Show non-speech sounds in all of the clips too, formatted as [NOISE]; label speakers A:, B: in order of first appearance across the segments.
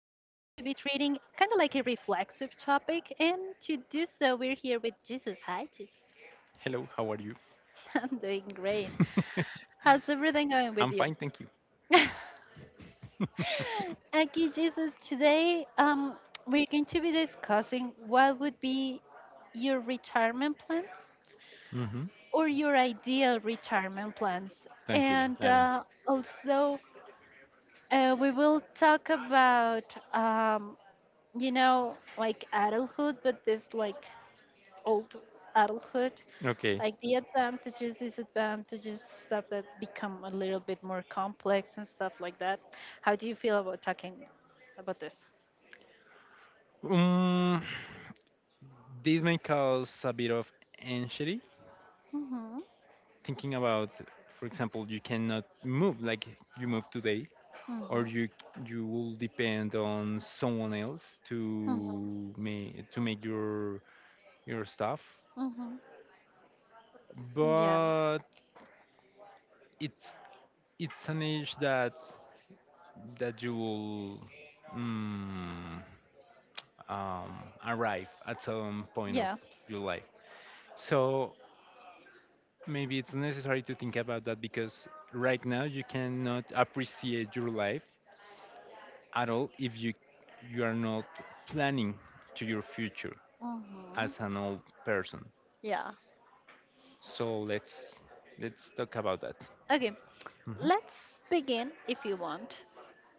A: treating kind of like a reflexive topic, and to do so, we're here with Jesus. Hi, Jesus.
B: Hello, how are you?
A: [LAUGHS] I'm doing great. How's everything going with
B: I'm
A: you?
B: fine, thank you.
A: [LAUGHS] Okay, Jesus, today we're going to be discussing what would be your retirement plans
B: Mm-hmm.
A: or your ideal retirement plans.
B: Tranquila,
A: And
B: adelante.
A: also, we will talk about you know, like adulthood, but this like old adulthood,
B: Okay.
A: like the advantages, disadvantages, stuff that become a little bit more complex and stuff like that. How do you feel about talking about this?
B: Um, this may cause a bit of anxiety
A: Mhm.
B: thinking about, for example, you cannot move like you move today, or
A: Mhm.
B: you will depend on someone else
A: Mhm.
B: to make your stuff.
A: Mhm. Yeah,
B: But it's it's an age that you will mm, um, arrive at some point of
A: yeah,
B: your life. So maybe it's necessary to think about that because right now you cannot appreciate your life at all if you are not planning to your future
A: Mhm.
B: as an old person.
A: Yeah.
B: So let's talk about that.
A: Okay.
B: Mhm.
A: Let's begin if you want.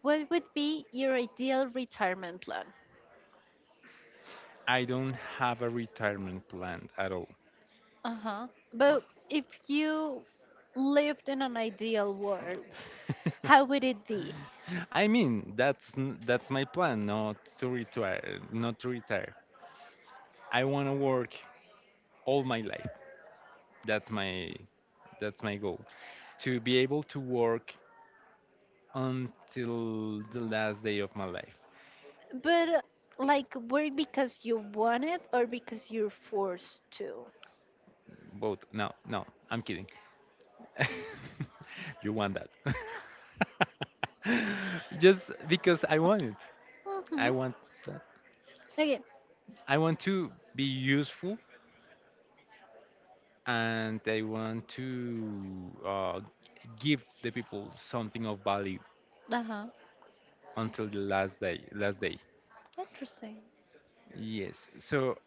A: What would be your ideal retirement plan?
B: I don't have a retirement plan at all.
A: Uh-huh.
B: Oh.
A: But if you lived in an ideal world,
B: [LAUGHS]
A: how would it be?
B: I mean, that's my plan, not to retire, not to retire. I want to work all my life. That's my that's my goal. To be able to work until the last day of my life.
A: But like work because you want it or because you're forced to?
B: Both. No, no, I'm kidding. [LAUGHS] You want that. [LAUGHS] Just because I want it. I
A: Mm-hmm.
B: want that.
A: Okay.
B: I want to be useful and I want to give the people something of value
A: Uh-huh.
B: until the last day. Last day.
A: Interesting.
B: Yes. So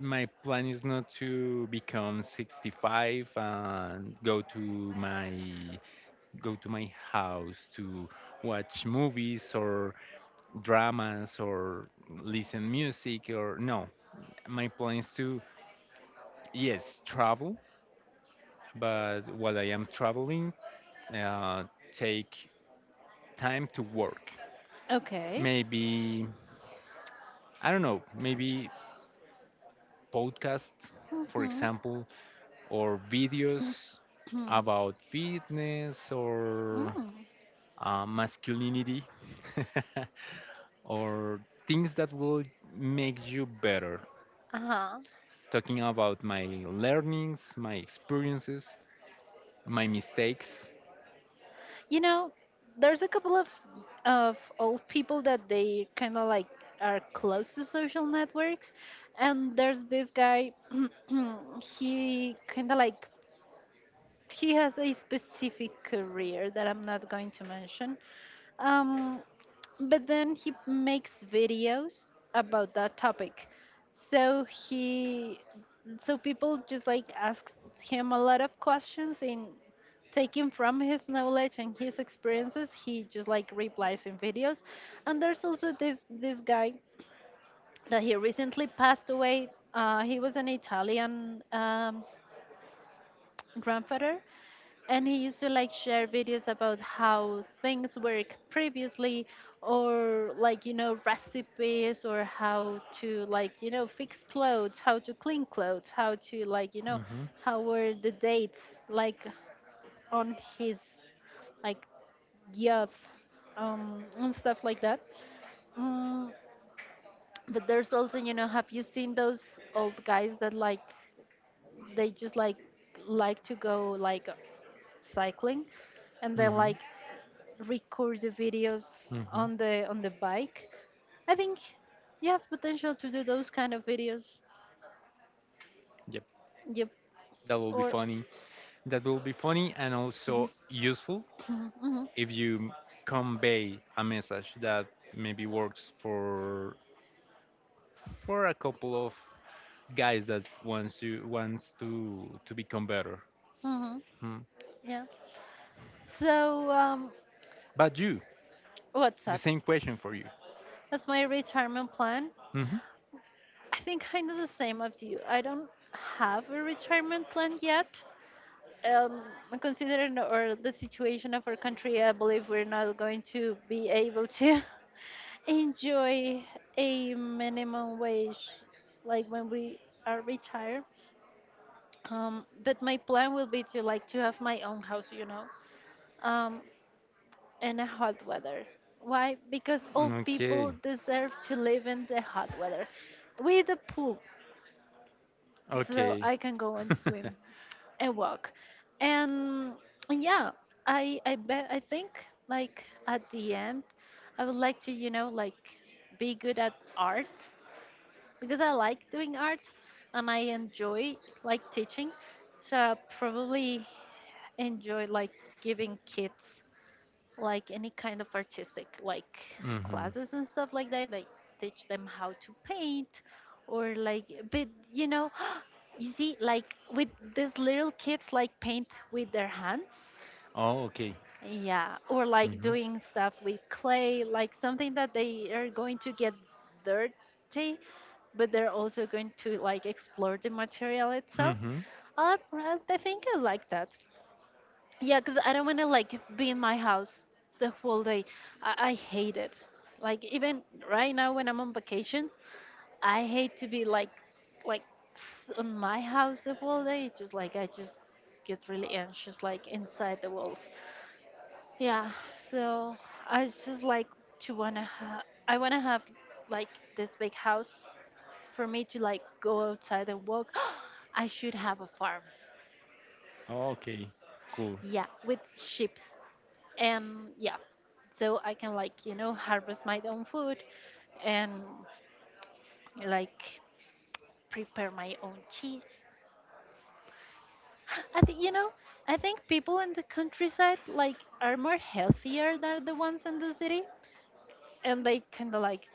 B: my plan is not to become 65 and go to my house to watch movies or dramas or listen music or no, my plan is to yes travel, but while I am traveling, uh, take time to work.
A: Okay.
B: Maybe, I don't know, maybe podcast, for
A: Mm-hmm. [CLEARS THROAT]
B: example, or videos about fitness or
A: Mm.
B: masculinity, [LAUGHS] or things that will make you better.
A: Uh-huh.
B: Talking about my learnings, my experiences, my mistakes.
A: You know, there's a couple of old people that they kind of like are close to social networks, and there's this guy [CLEARS THROAT] he kind of like he has a specific career that I'm not going to mention, um but then he makes videos about that topic. So he so people just like ask him a lot of questions, and taking from his knowledge and his experiences he just like replies in videos. And there's also this guy that he recently passed away. He was an Italian grandfather, and he used to like share videos about how things work previously, or like you know recipes, or how to like you know fix clothes, how to clean clothes, how to like you know
B: Mhm,
A: how were the dates like on his like youth and stuff like that. mm, but there's also you know, have you seen those old guys that like they just like to go like cycling, and they
B: mhm,
A: like record the videos
B: mhm.
A: on the bike? I think you have potential to do those kind of videos.
B: Yep,
A: Yep
B: that will be
A: or
B: funny. That will be funny and also useful
A: [CLEARS THROAT] hmm
B: if you convey a message that maybe works for a couple of guys that wants to become better.
A: hmm
B: Hmm.
A: yeah so
B: But you,
A: what's
B: the
A: that?
B: same question for you.
A: That's my retirement plan.
B: Hmm.
A: I think kind of the same as you, I don't have a retirement plan yet. um, considering or the situation of our country, I believe we're not going to be able to [LAUGHS] enjoy a minimum wage like when we are retired. But my plan will be to like to have my own house, you know, um, in a hot weather. Why? Because all
B: Okay,
A: people deserve to live in the hot weather with a pool, so
B: okay.
A: I can go and
B: [LAUGHS]
A: swim. And walk and, and yeah, I bet, I think like at the end I would like to you know like be good at arts because I like doing arts and I enjoy like teaching. So I probably enjoy like giving kids like any kind of artistic like
B: Hmm.
A: classes and stuff like that, like teach them how to paint or like but you know [GASPS] you see like with these little kids like paint with their hands.
B: Oh, okay.
A: Yeah, or like
B: Hmm.
A: doing stuff with clay, like something that they are going to get dirty, but they're also going to like explore the material itself.
B: Hmm.
A: I think I like that. Yeah, because I don't want to like be in my house the whole day. I hate it. Like even right now when I'm on vacations, I hate to be like on my house the whole day. It's just like I just get really anxious like inside the walls. Yeah, so I just like to I wanna have like this big house for me to like go outside and walk. [GASPS] I should have a farm.
B: Okay, cool.
A: Yeah, with sheep. Yeah, so I can like you know harvest my own food and like prepare my own cheese. I think you know, I think people in the countryside like are more healthier than the ones in the city, and they kind of like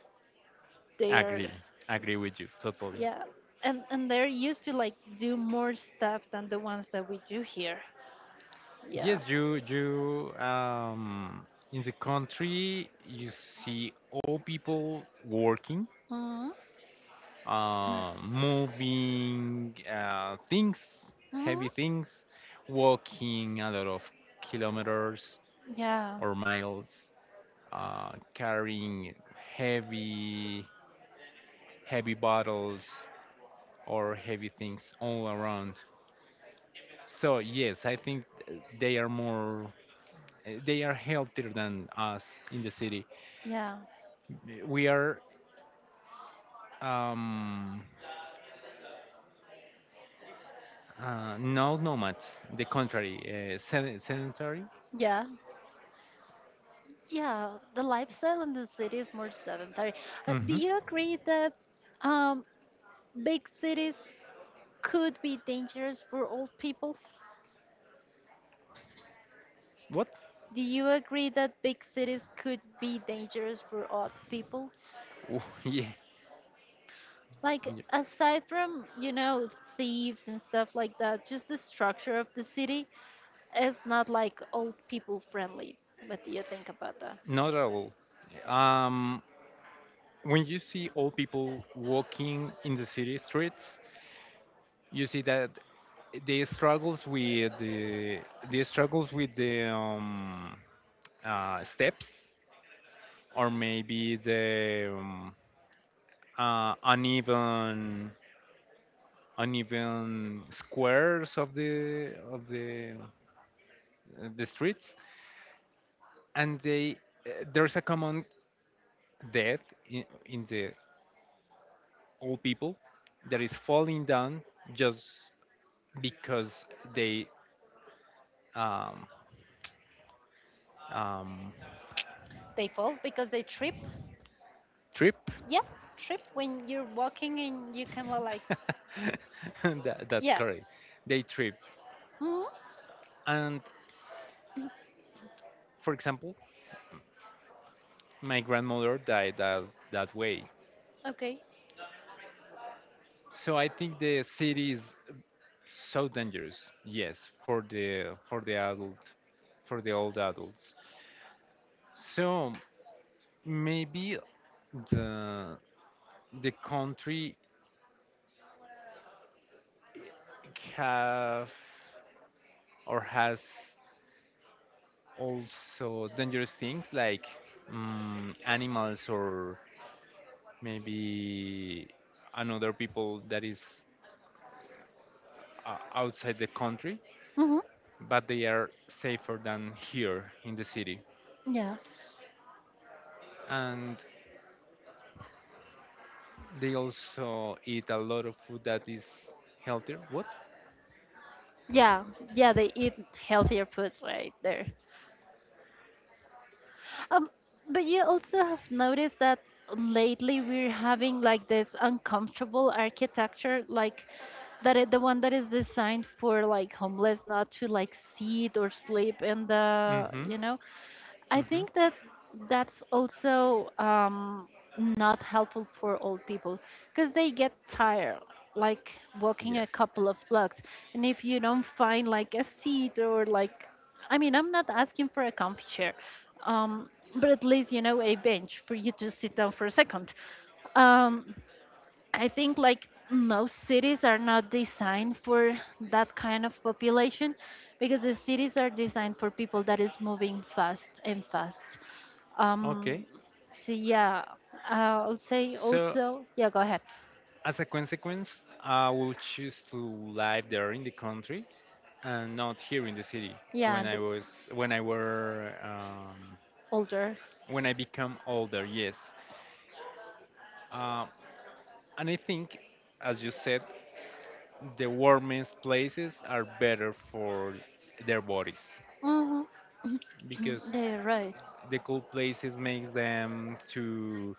A: they're
B: Agree, agree with you totally.
A: yeah and they're used to like do more stuff than the ones that we do here. Yeah.
B: Yes, you um, in the country you see all people working,
A: Mm-hmm.
B: moving things, heavy
A: Mm-hmm.
B: things, walking a lot of kilometers
A: Yeah,
B: or miles, carrying heavy, heavy bottles or heavy things all around. So yes, I think they are more, they are healthier than us in the city.
A: yeah,
B: We are um, no nomads. The contrary, sedentary.
A: yeah. Yeah, the lifestyle in the city is more sedentary. But do
B: Hmm.
A: you agree that um, big cities could be dangerous for old people?
B: What?
A: Do you agree that big cities could be dangerous for old people?
B: Oh, [LAUGHS] yeah,
A: Like,
B: yeah,
A: aside from, you know, thieves and stuff like that, just the structure of the city is not like old people friendly. What do you think about that?
B: not at all. Um, when you see old people walking in the city streets, you see that they struggles with the they struggles with the steps, or maybe the uneven uneven squares of the streets, and they, eh, there's a common death in the old people, that is falling down, just because they, um, um,
A: They fall because they trip.
B: trip.
A: Yeah, trip when you're walking and you can like,
B: [LAUGHS] That, that's
A: yeah.
B: correct. They trip. And for example, my grandmother died that, that way.
A: Okay.
B: So I think the city is so dangerous. Yes, for the adult, for the old adults. So maybe the the country have or has also dangerous things like mm animals, or maybe another people that is outside the country,
A: Hmm.
B: but they are safer than here in the city.
A: Yeah.
B: And they also eat a lot of food that is healthier. What?
A: Yeah, yeah, they eat healthier food right there. Um, but you also have noticed that lately we're having like this uncomfortable architecture, like the one that is designed for like homeless not to like sit or sleep in the,
B: Mm-hmm.
A: you know, I
B: Mm-hmm.
A: think that that's also not helpful for old people because they get tired, like walking a
B: Yes.
A: couple of blocks. And if you don't find like a seat or like, I mean, I'm not asking for a comfy chair, um, but at least, you know, a bench for you to sit down for a second. Um, I think like most cities are not designed for that kind of population because the cities are designed for people that is moving fast and fast. Um,
B: Okay.
A: so yeah, uh, I'll say
B: So
A: also, yeah, go ahead.
B: as a consequence, I will choose to live there in the country and not here in the city
A: Yeah,
B: when
A: and
B: I
A: the
B: was when I were
A: older.
B: when I become older. Yes, uh, and I think, as you said, the warmest places are better for their bodies,
A: Mm-hmm. [COUGHS]
B: because
A: [CLEARS THROAT] They're right.
B: the cold places makes them to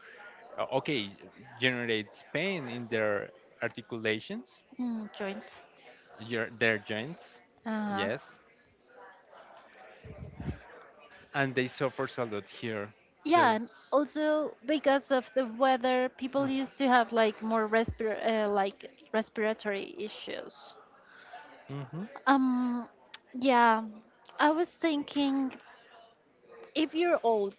B: uh, okay generates pain in their articulations,
A: Mm, joints.
B: your, their joints.
A: Uh-huh.
B: Yes, and they suffer a lot here.
A: Yeah,
B: Just.
A: and also because of the weather, people used to have like more respir like respiratory issues.
B: Mm-hmm.
A: Um, yeah, I was thinking if you're old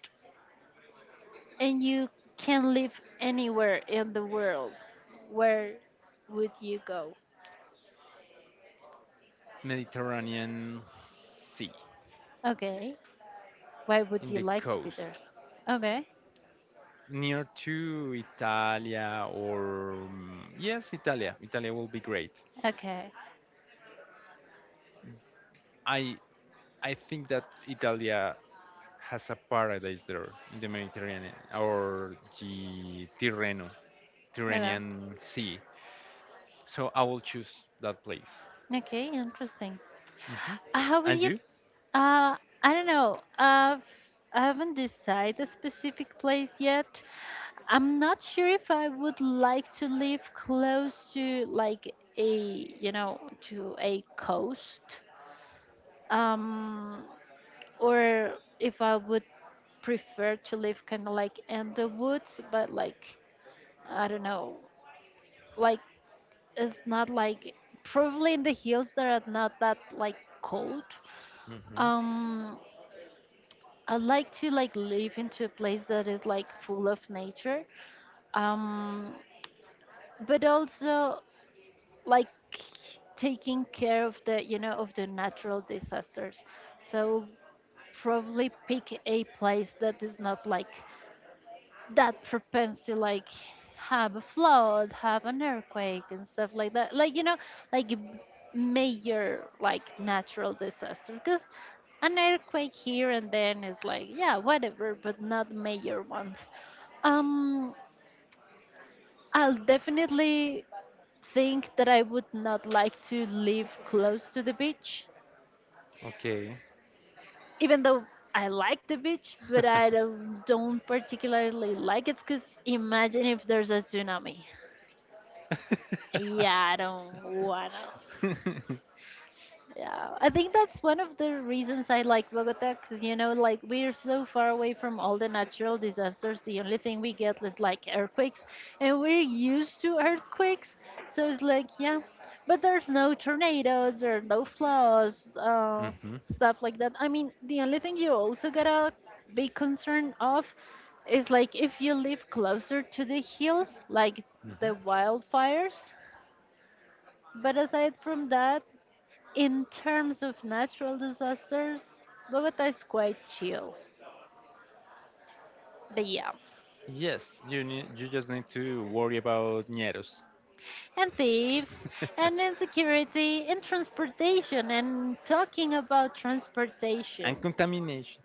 A: and you can live anywhere in the world, where would you go?
B: Mediterranean Sea,
A: Okay. Why would
B: in
A: you
B: the
A: like to be there?
B: coast,
A: Okay.
B: near to Italia or mm, yes, Italia. Italia will be great.
A: Okay.
B: I I think that Italia has a paradise there in the Mediterranean or the Tirreno,
A: Okay.
B: Tyrrhenian Sea. So I will choose that place.
A: Okay, interesting.
B: Hmm.
A: How would
B: And
A: you
B: you?
A: uh I don't know. I haven't decided a specific place yet. I'm not sure if I would like to live close to like a you know to a coast, um, or if I would prefer to live kind of like in the woods, but like I don't know, like it's not like probably in the hills that are not that like cold.
B: Hmm.
A: Um, I like to like live into a place that is like full of nature. Um, but also like taking care of the you know of the natural disasters. So probably pick a place that is not like that propense to like have a flood, have an earthquake and stuff like that, like you know, like a major like natural disaster, because an earthquake here and then is like yeah whatever, but not major ones. um I'll definitely think that I would not like to live close to the beach,
B: Okay. [LAUGHS]
A: even though I like the beach, but I don't particularly like it because imagine if there's a tsunami. Yeah, I don't wanna.
B: [LAUGHS]
A: Yeah, I think that's one of the reasons I like Bogota, because you know, like we're so far away from all the natural disasters. The only thing we get is like earthquakes, and we're used to earthquakes. So it's like, yeah, but there's no tornadoes, there are no floods,
B: Hmm.
A: stuff like that. I mean, the only thing you also gotta be concerned of is like if you live closer to the hills, like the
B: Hmm.
A: wildfires. But aside from that, in terms of natural disasters, Bogota is quite chill. But yeah,
B: Yes, you need, you just need to worry about ñeros
A: and thieves, and
B: [LAUGHS]
A: insecurity, and transportation, and talking about
B: and
A: transportation.
B: contamination.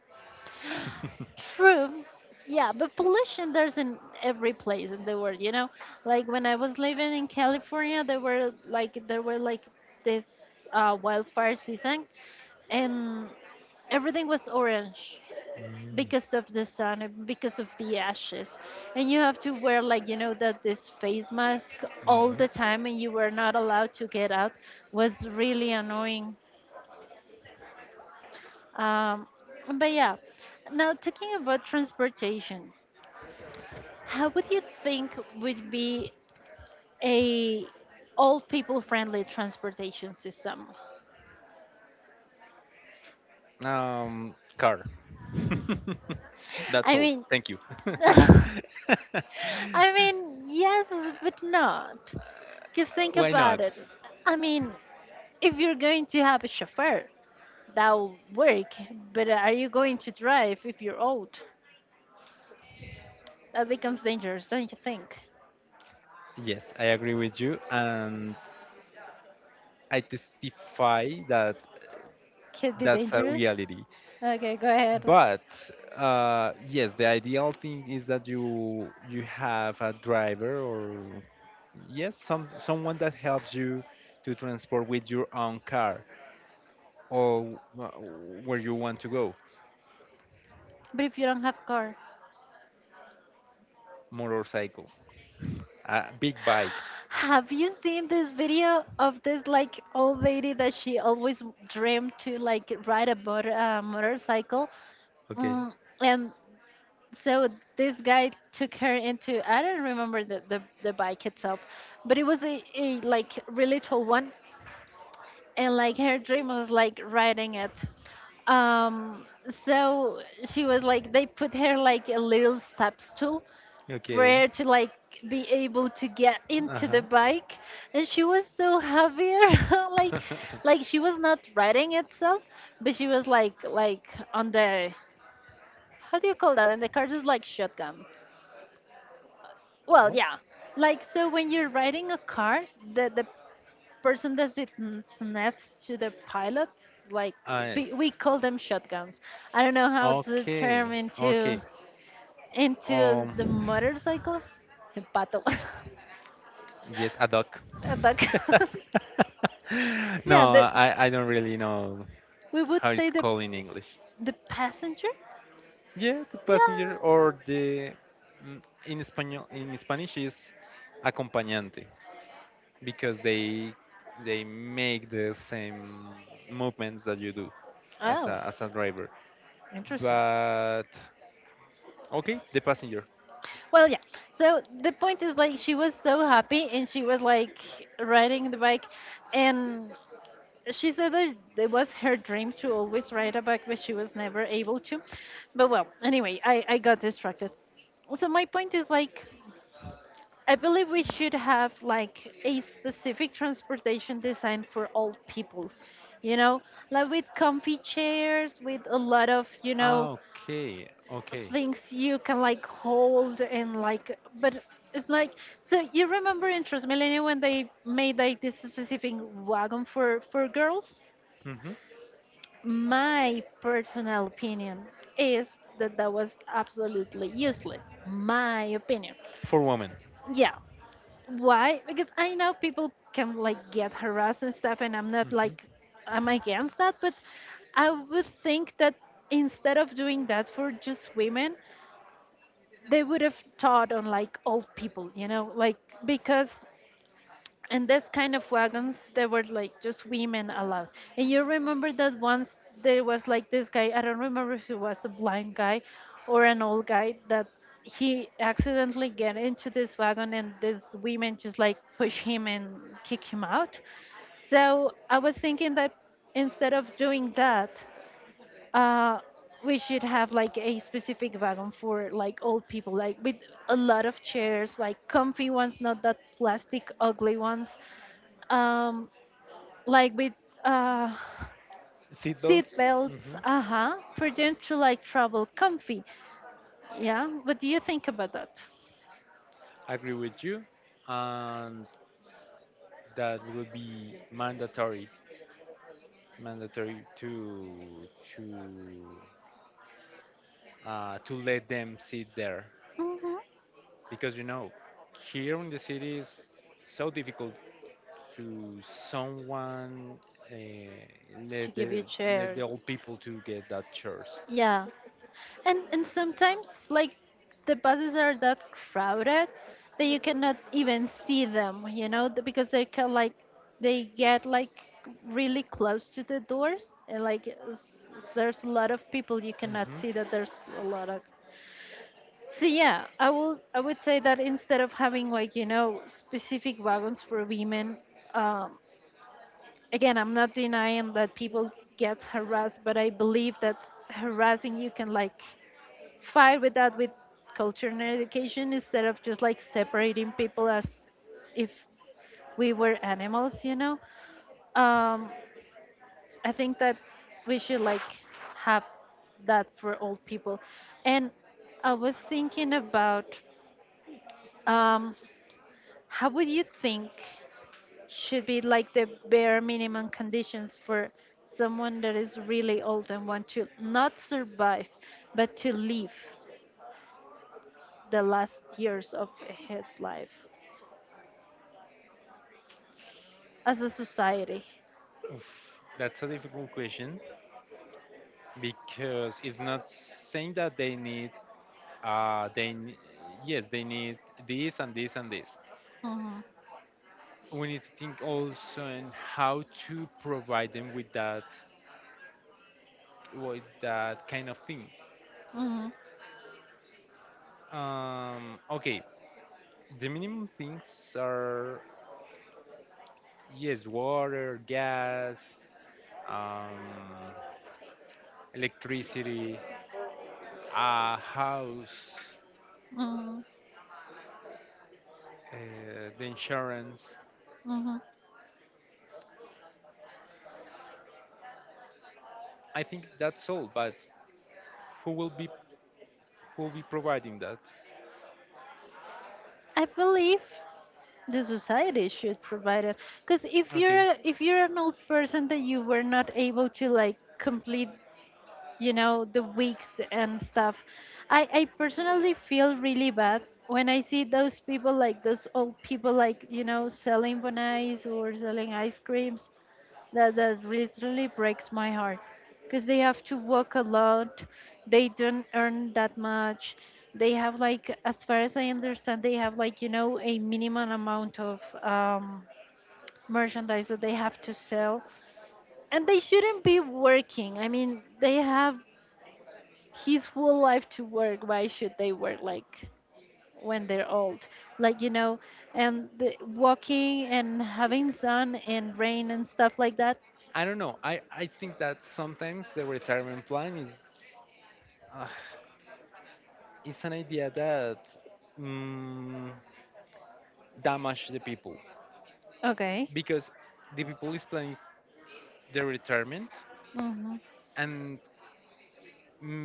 B: [LAUGHS]
A: True, yeah, but pollution there's in every place in the world, you know? Like when I was living in California, there were like this wildfire season, and everything was orange
B: Mm,
A: because of the sun and because of the ashes, and you have to wear like you know that this face mask all the time and you were not allowed to get out. Was really annoying. um, but yeah, now talking about transportation, how would you think would be a old people friendly transportation system?
B: mhm. Car. [LAUGHS] That's
A: I
B: all.
A: mean,
B: Thank you.
A: [LAUGHS]
B: [LAUGHS]
A: I mean yes, but not just think
B: Why not?
A: about it. I mean if you're going to have a chauffeur, that'll work. But are you going to drive if you're old? That becomes dangerous, don't you think?
B: Yes, I agree with you, and I testify that
A: Could be
B: that's a
A: dangerous.
B: reality.
A: Okay, go ahead.
B: But yes, the ideal thing is that you have a driver, or yes some someone that helps you to transport with your own car or wh- where you want to go,
A: But if you don't have car,
B: motorcycle, a big
A: [GASPS]
B: bike.
A: have you seen this video of this like old lady that she always dreamed to like ride a motorcycle?
B: Okay,
A: Mm, and so this guy took her into I don't remember the bike itself, but it was a like really tall one, and like her dream was like writing it. um so she was like, they put her like a little step stool for
B: okay,
A: her to like be able to get into the
B: uh-huh.
A: bike. And she was so heavier [LAUGHS] like
B: [LAUGHS]
A: she was not riding itself, but she was like on the— how do you call that in the car? Just like shotgun. Well,
B: What
A: yeah, like so when you're riding a car, the person that sits next to the pilots, like,
B: I,
A: we call them shotguns. I don't know how to
B: okay,
A: term into
B: okay,
A: the
B: um,
A: motorcycles. The pato.
B: yes, a duck.
A: [LAUGHS] A duck.
B: [LAUGHS]
A: [LAUGHS]
B: No,
A: Yeah, the,
B: I I don't really know
A: we would
B: how it's
A: say the
B: called in English.
A: passenger.
B: Yeah, the passenger
A: Yeah.
B: or the mm, in Espanol in Spanish is acompañante, because they make the same movements that you do
A: Oh,
B: as a driver.
A: interesting.
B: But okay, the passenger.
A: Well, yeah. So the point is, like, she was so happy and she was like riding the bike, and she said that it was her dream to always write a book, but she was never able to. But well, anyway, I got distracted. So my point is like, I believe we should have like a specific transportation design for all people, you know, like with comfy chairs, with a lot of
B: Ah, okay, okay.
A: things you can like hold and like, but it's like, so you remember in Transmilenio when they made like this specific wagon for girls?
B: Mhm.
A: My personal opinion is that that was absolutely useless. My opinion.
B: For women.
A: Yeah. Why? Because I know people can like get harassed and stuff, and I'm not like—
B: Hmm.
A: I'm against that, but I would think that instead of doing that for just women, they would have taught on like old people, you know, like, because, and this kind of wagons there were like just women allowed. And you remember that once there was like this guy, I don't remember if it was a blind guy or an old guy, that he accidentally get into this wagon and these women just like push him and kick him out. So I was thinking that instead of doing that, uh we should have like a specific wagon for like old people, like with a lot of chairs, like comfy ones, not that plastic ugly ones. um like with uh seat
B: Seatbelts.
A: belts.
B: Hmm.
A: Uh-huh, for them to like travel comfy. Yeah, what do you think about that?
B: Agree with you, and that will be mandatory, mandatory to to let them sit there,
A: Hmm,
B: because you know here in the city is so difficult to someone, uh,
A: to
B: let
A: give
B: the
A: you chair.
B: let the old people to get that chairs.
A: Yeah, and sometimes like the buses are that crowded that you cannot even see them, you know, because they can like— they get like really close to the doors and like there's a lot of people, you cannot
B: Hmm.
A: see that there's a lot of— so yeah, I will— I would say that instead of having like, you know, specific wagons for women, um, again, I'm not denying that people get harassed, but I believe that harassing, you can like fight with that with culture and education instead of just like separating people as if we were animals, you know. Um, I think that we should like have that for old people, and I was thinking about. Um, How would you think should be like the bare minimum conditions for someone that is really old and want to not survive, but to live the last years of his life as a society?
B: Oof. That's a difficult question, because it's not saying that they need uh they n- yes they need this and this and this.
A: Mhm,
B: We need to think also in how to provide them with that kind of things.
A: mhm,
B: Okay, the minimum things are yes, water, gas, um, electricity, a house,
A: mhm,
B: uh, the insurance.
A: mhm.
B: I think that's all. But who will be who will be providing that?
A: I believe the society should provide it, because if
B: Okay,
A: you're a— if you're an old person that you were not able to like complete, you know, the wigs and stuff, I personally feel really bad when I see those people, like those old people, like, you know, selling bonnets or selling ice creams. That literally breaks my heart, because they have to work a lot, they don't earn that much. They have like, as far as I understand, they have like, you know, a minimum amount of merchandise that they have to sell, and they shouldn't be working. I mean, they have his whole life to work. Why should they work like when they're old, like, you know, and the, walking and having sun and rain and stuff like that.
B: I don't know. I think that sometimes the retirement plan uh, is an idea that mm, damage the people,
A: Okay.
B: because the people is planning their retirement,
A: Mm-hmm.
B: and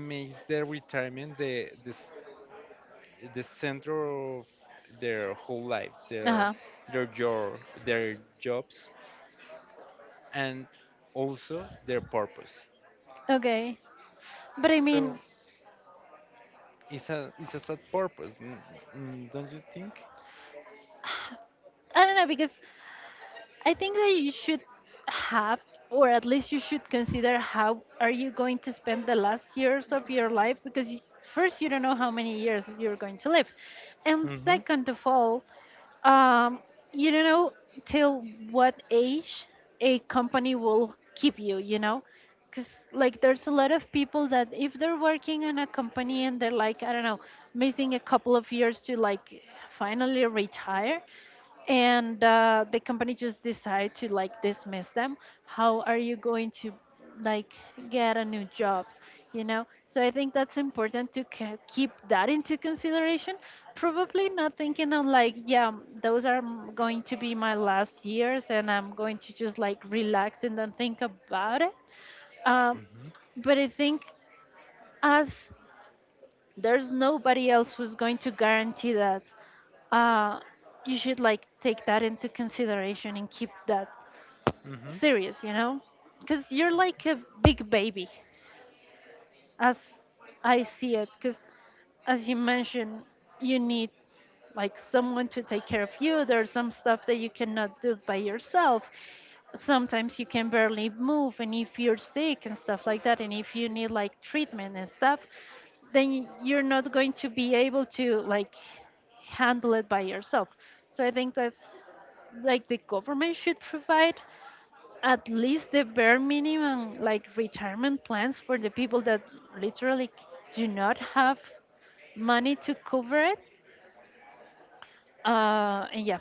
B: makes their retirement the center of their whole lives,
A: Uh-huh.
B: their your their jobs, and also their purpose.
A: Okay, but I
B: So
A: mean,
B: it's a sad purpose, don't you think?
A: I don't know, because I think that you should have, or at least you should consider, how are you going to spend the last years of your life? Because you— first, you don't know how many years you're going to live, and
B: Mm-hmm.
A: second of all, um, you don't know till what age a company will keep you. You know, because like there's a lot of people that if they're working in a company and they're like, I don't know, missing a couple of years to like finally retire, and the company just decide to like dismiss them. How are you going to like get a new job, you know? So I think that's important to keep that into consideration. Probably not thinking on like, yeah, those are going to be my last years and I'm going to just like relax and don't think about it. um,
B: Mm-hmm.
A: but I think, as there's nobody else who's going to guarantee that, uh, you should like take that into consideration and keep that
B: Mm-hmm.
A: serious, you know? Because you're like a big baby, as I see it. Because as you mentioned, you need like someone to take care of you. There's some stuff that you cannot do by yourself. Sometimes you can barely move, and if you're sick and stuff like that, and if you need like treatment and stuff, then you're not going to be able to like handle it by yourself. So I think that's like, the government should provide at least the bare minimum, like retirement plans, for the people that literally do not have money to cover it. And yeah.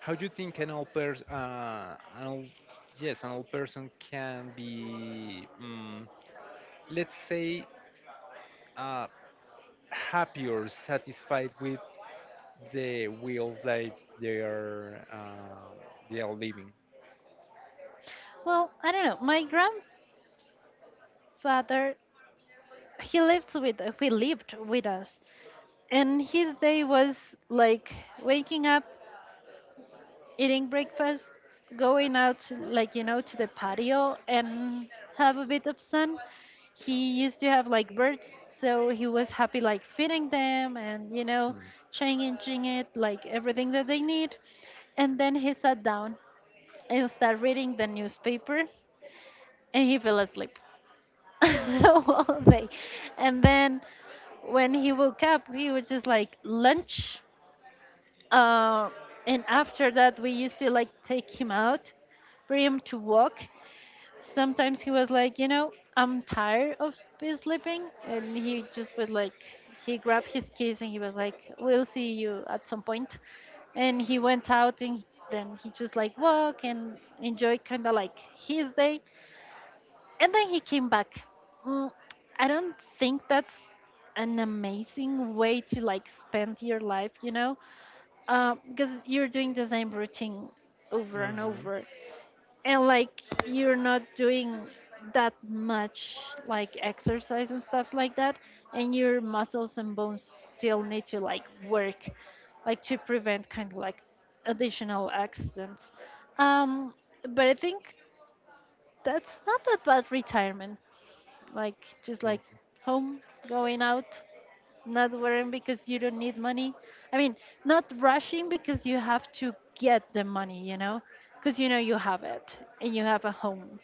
B: How do you think an old person, an old, yes, an old person can be, let's say, uh, happy or satisfied with the wheels that they are uh, they are living.
A: Well, I don't know. My grandfather, he lives with— he lived with us, and his day was like waking up, eating breakfast, going out to like, you know, to the patio and have a bit of sun. He used to have like birds, so he was happy like feeding them and, you know, changing it like everything that they need. And then he sat down and started reading the newspaper, and he fell asleep [LAUGHS] all day. And then when he woke up, he was just like lunch, uh, and after that, we used to like take him out, bring him to walk. Sometimes he was like, you know, I'm tired of be sleeping, and he just would like— he grabbed his keys and he was like, we'll see you at some point. And he went out, and then he just like walk and enjoy kind of like his day. And then he came back. Mm, I don't think that's an amazing way to like spend your life, you know? Because you're doing the same routine over and
B: Mm-hmm.
A: over, and like you're not doing that much like exercise and stuff like that, and your muscles and bones still need to like work, like to prevent kind of like additional accidents. um but I think that's not that bad retirement, like, just like
B: Okay.
A: home, going out, not worrying because you don't need money. I mean, not rushing because you have to get the money, you know, because you know you have it, and you have a home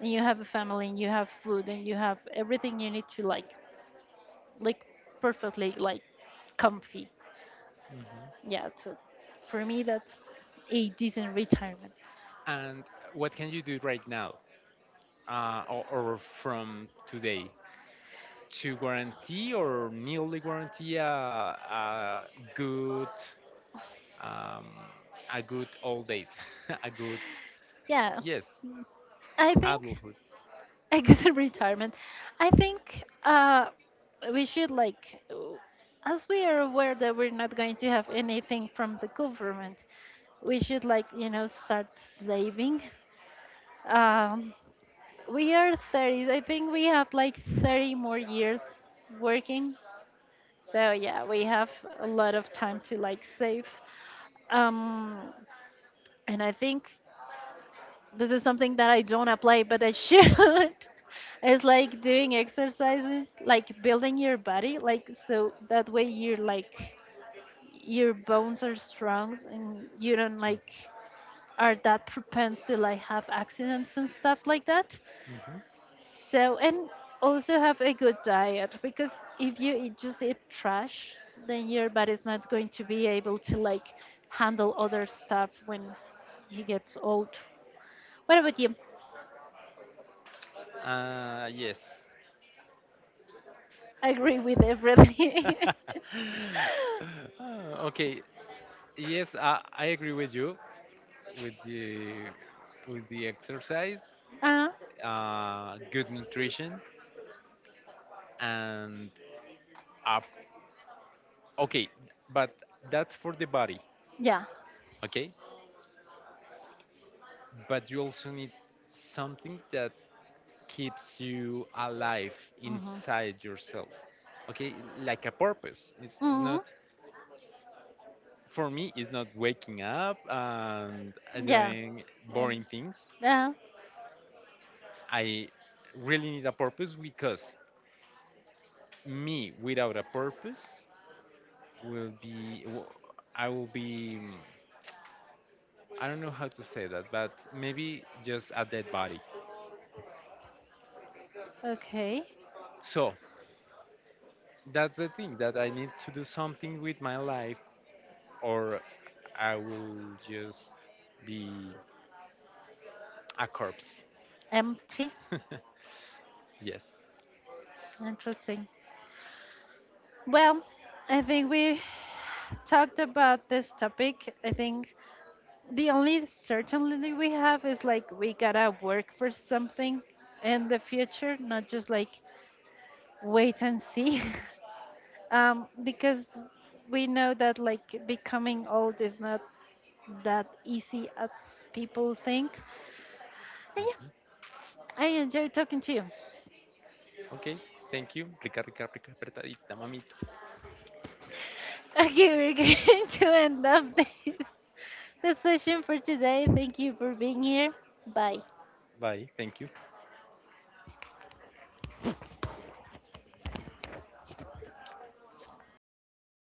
A: and you have a family and you have food and you have everything you need to like perfectly like comfy.
B: Hmm.
A: Yeah, so for me, that's a decent retirement.
B: And what can you do right now, or from today, to guarantee or nearly guarantee good um, a good old days, [LAUGHS] a good
A: Yeah,
B: yes
A: I think.
B: adulthood.
A: A good [LAUGHS] retirement. I think we should like, as we are aware that we're not going to have anything from the government, we should like, you know, start saving. Um, we are 30s. I think we have like 30 more years working. So yeah, we have a lot of time to like save. Um, and I think, this is something that I don't apply, but I should. [LAUGHS] It's like doing exercises, like building your body, like so that way you're like your bones are strong and you don't like are that propensed to like have accidents and stuff like that.
B: Mm-hmm.
A: So, and also have a good diet, because if you eat, just eat trash, then your body's not going to be able to like handle other stuff when he gets old. What about you?
B: Yes.
A: I agree with everything.
B: [LAUGHS]
A: [LAUGHS]
B: Okay. Yes, I agree with you with the with the exercise,
A: uh,
B: good nutrition, and up. Okay, but that's for the body.
A: yeah.
B: Okay, but you also need something that keeps you alive
A: Mhm.
B: inside yourself. Okay, like a purpose. It's
A: Mhm.
B: not for me. It's not waking up and
A: Yeah.
B: doing
A: Um,
B: boring things.
A: yeah.
B: I really need a purpose, because me without a purpose will be w- I will be I don't know how to say that, but maybe just a dead body.
A: Okay.
B: So that's the thing that I need to do something with my life, or I will just be a corpse.
A: Empty.
B: [LAUGHS] Yes.
A: Interesting. Well, I think we talked about this topic. I think the only certainty we have is like we gotta work for something in the future, not just like wait and see. [LAUGHS] Because we know that like becoming old is not that easy as people think. And yeah, I enjoy talking to you.
B: Okay. Thank you. Rica, rica, rica, apretadita, mamita.
A: Okay, we're [LAUGHS] going to end up this, this session for today. Thank you for being here. Bye.
B: Bye. Thank you.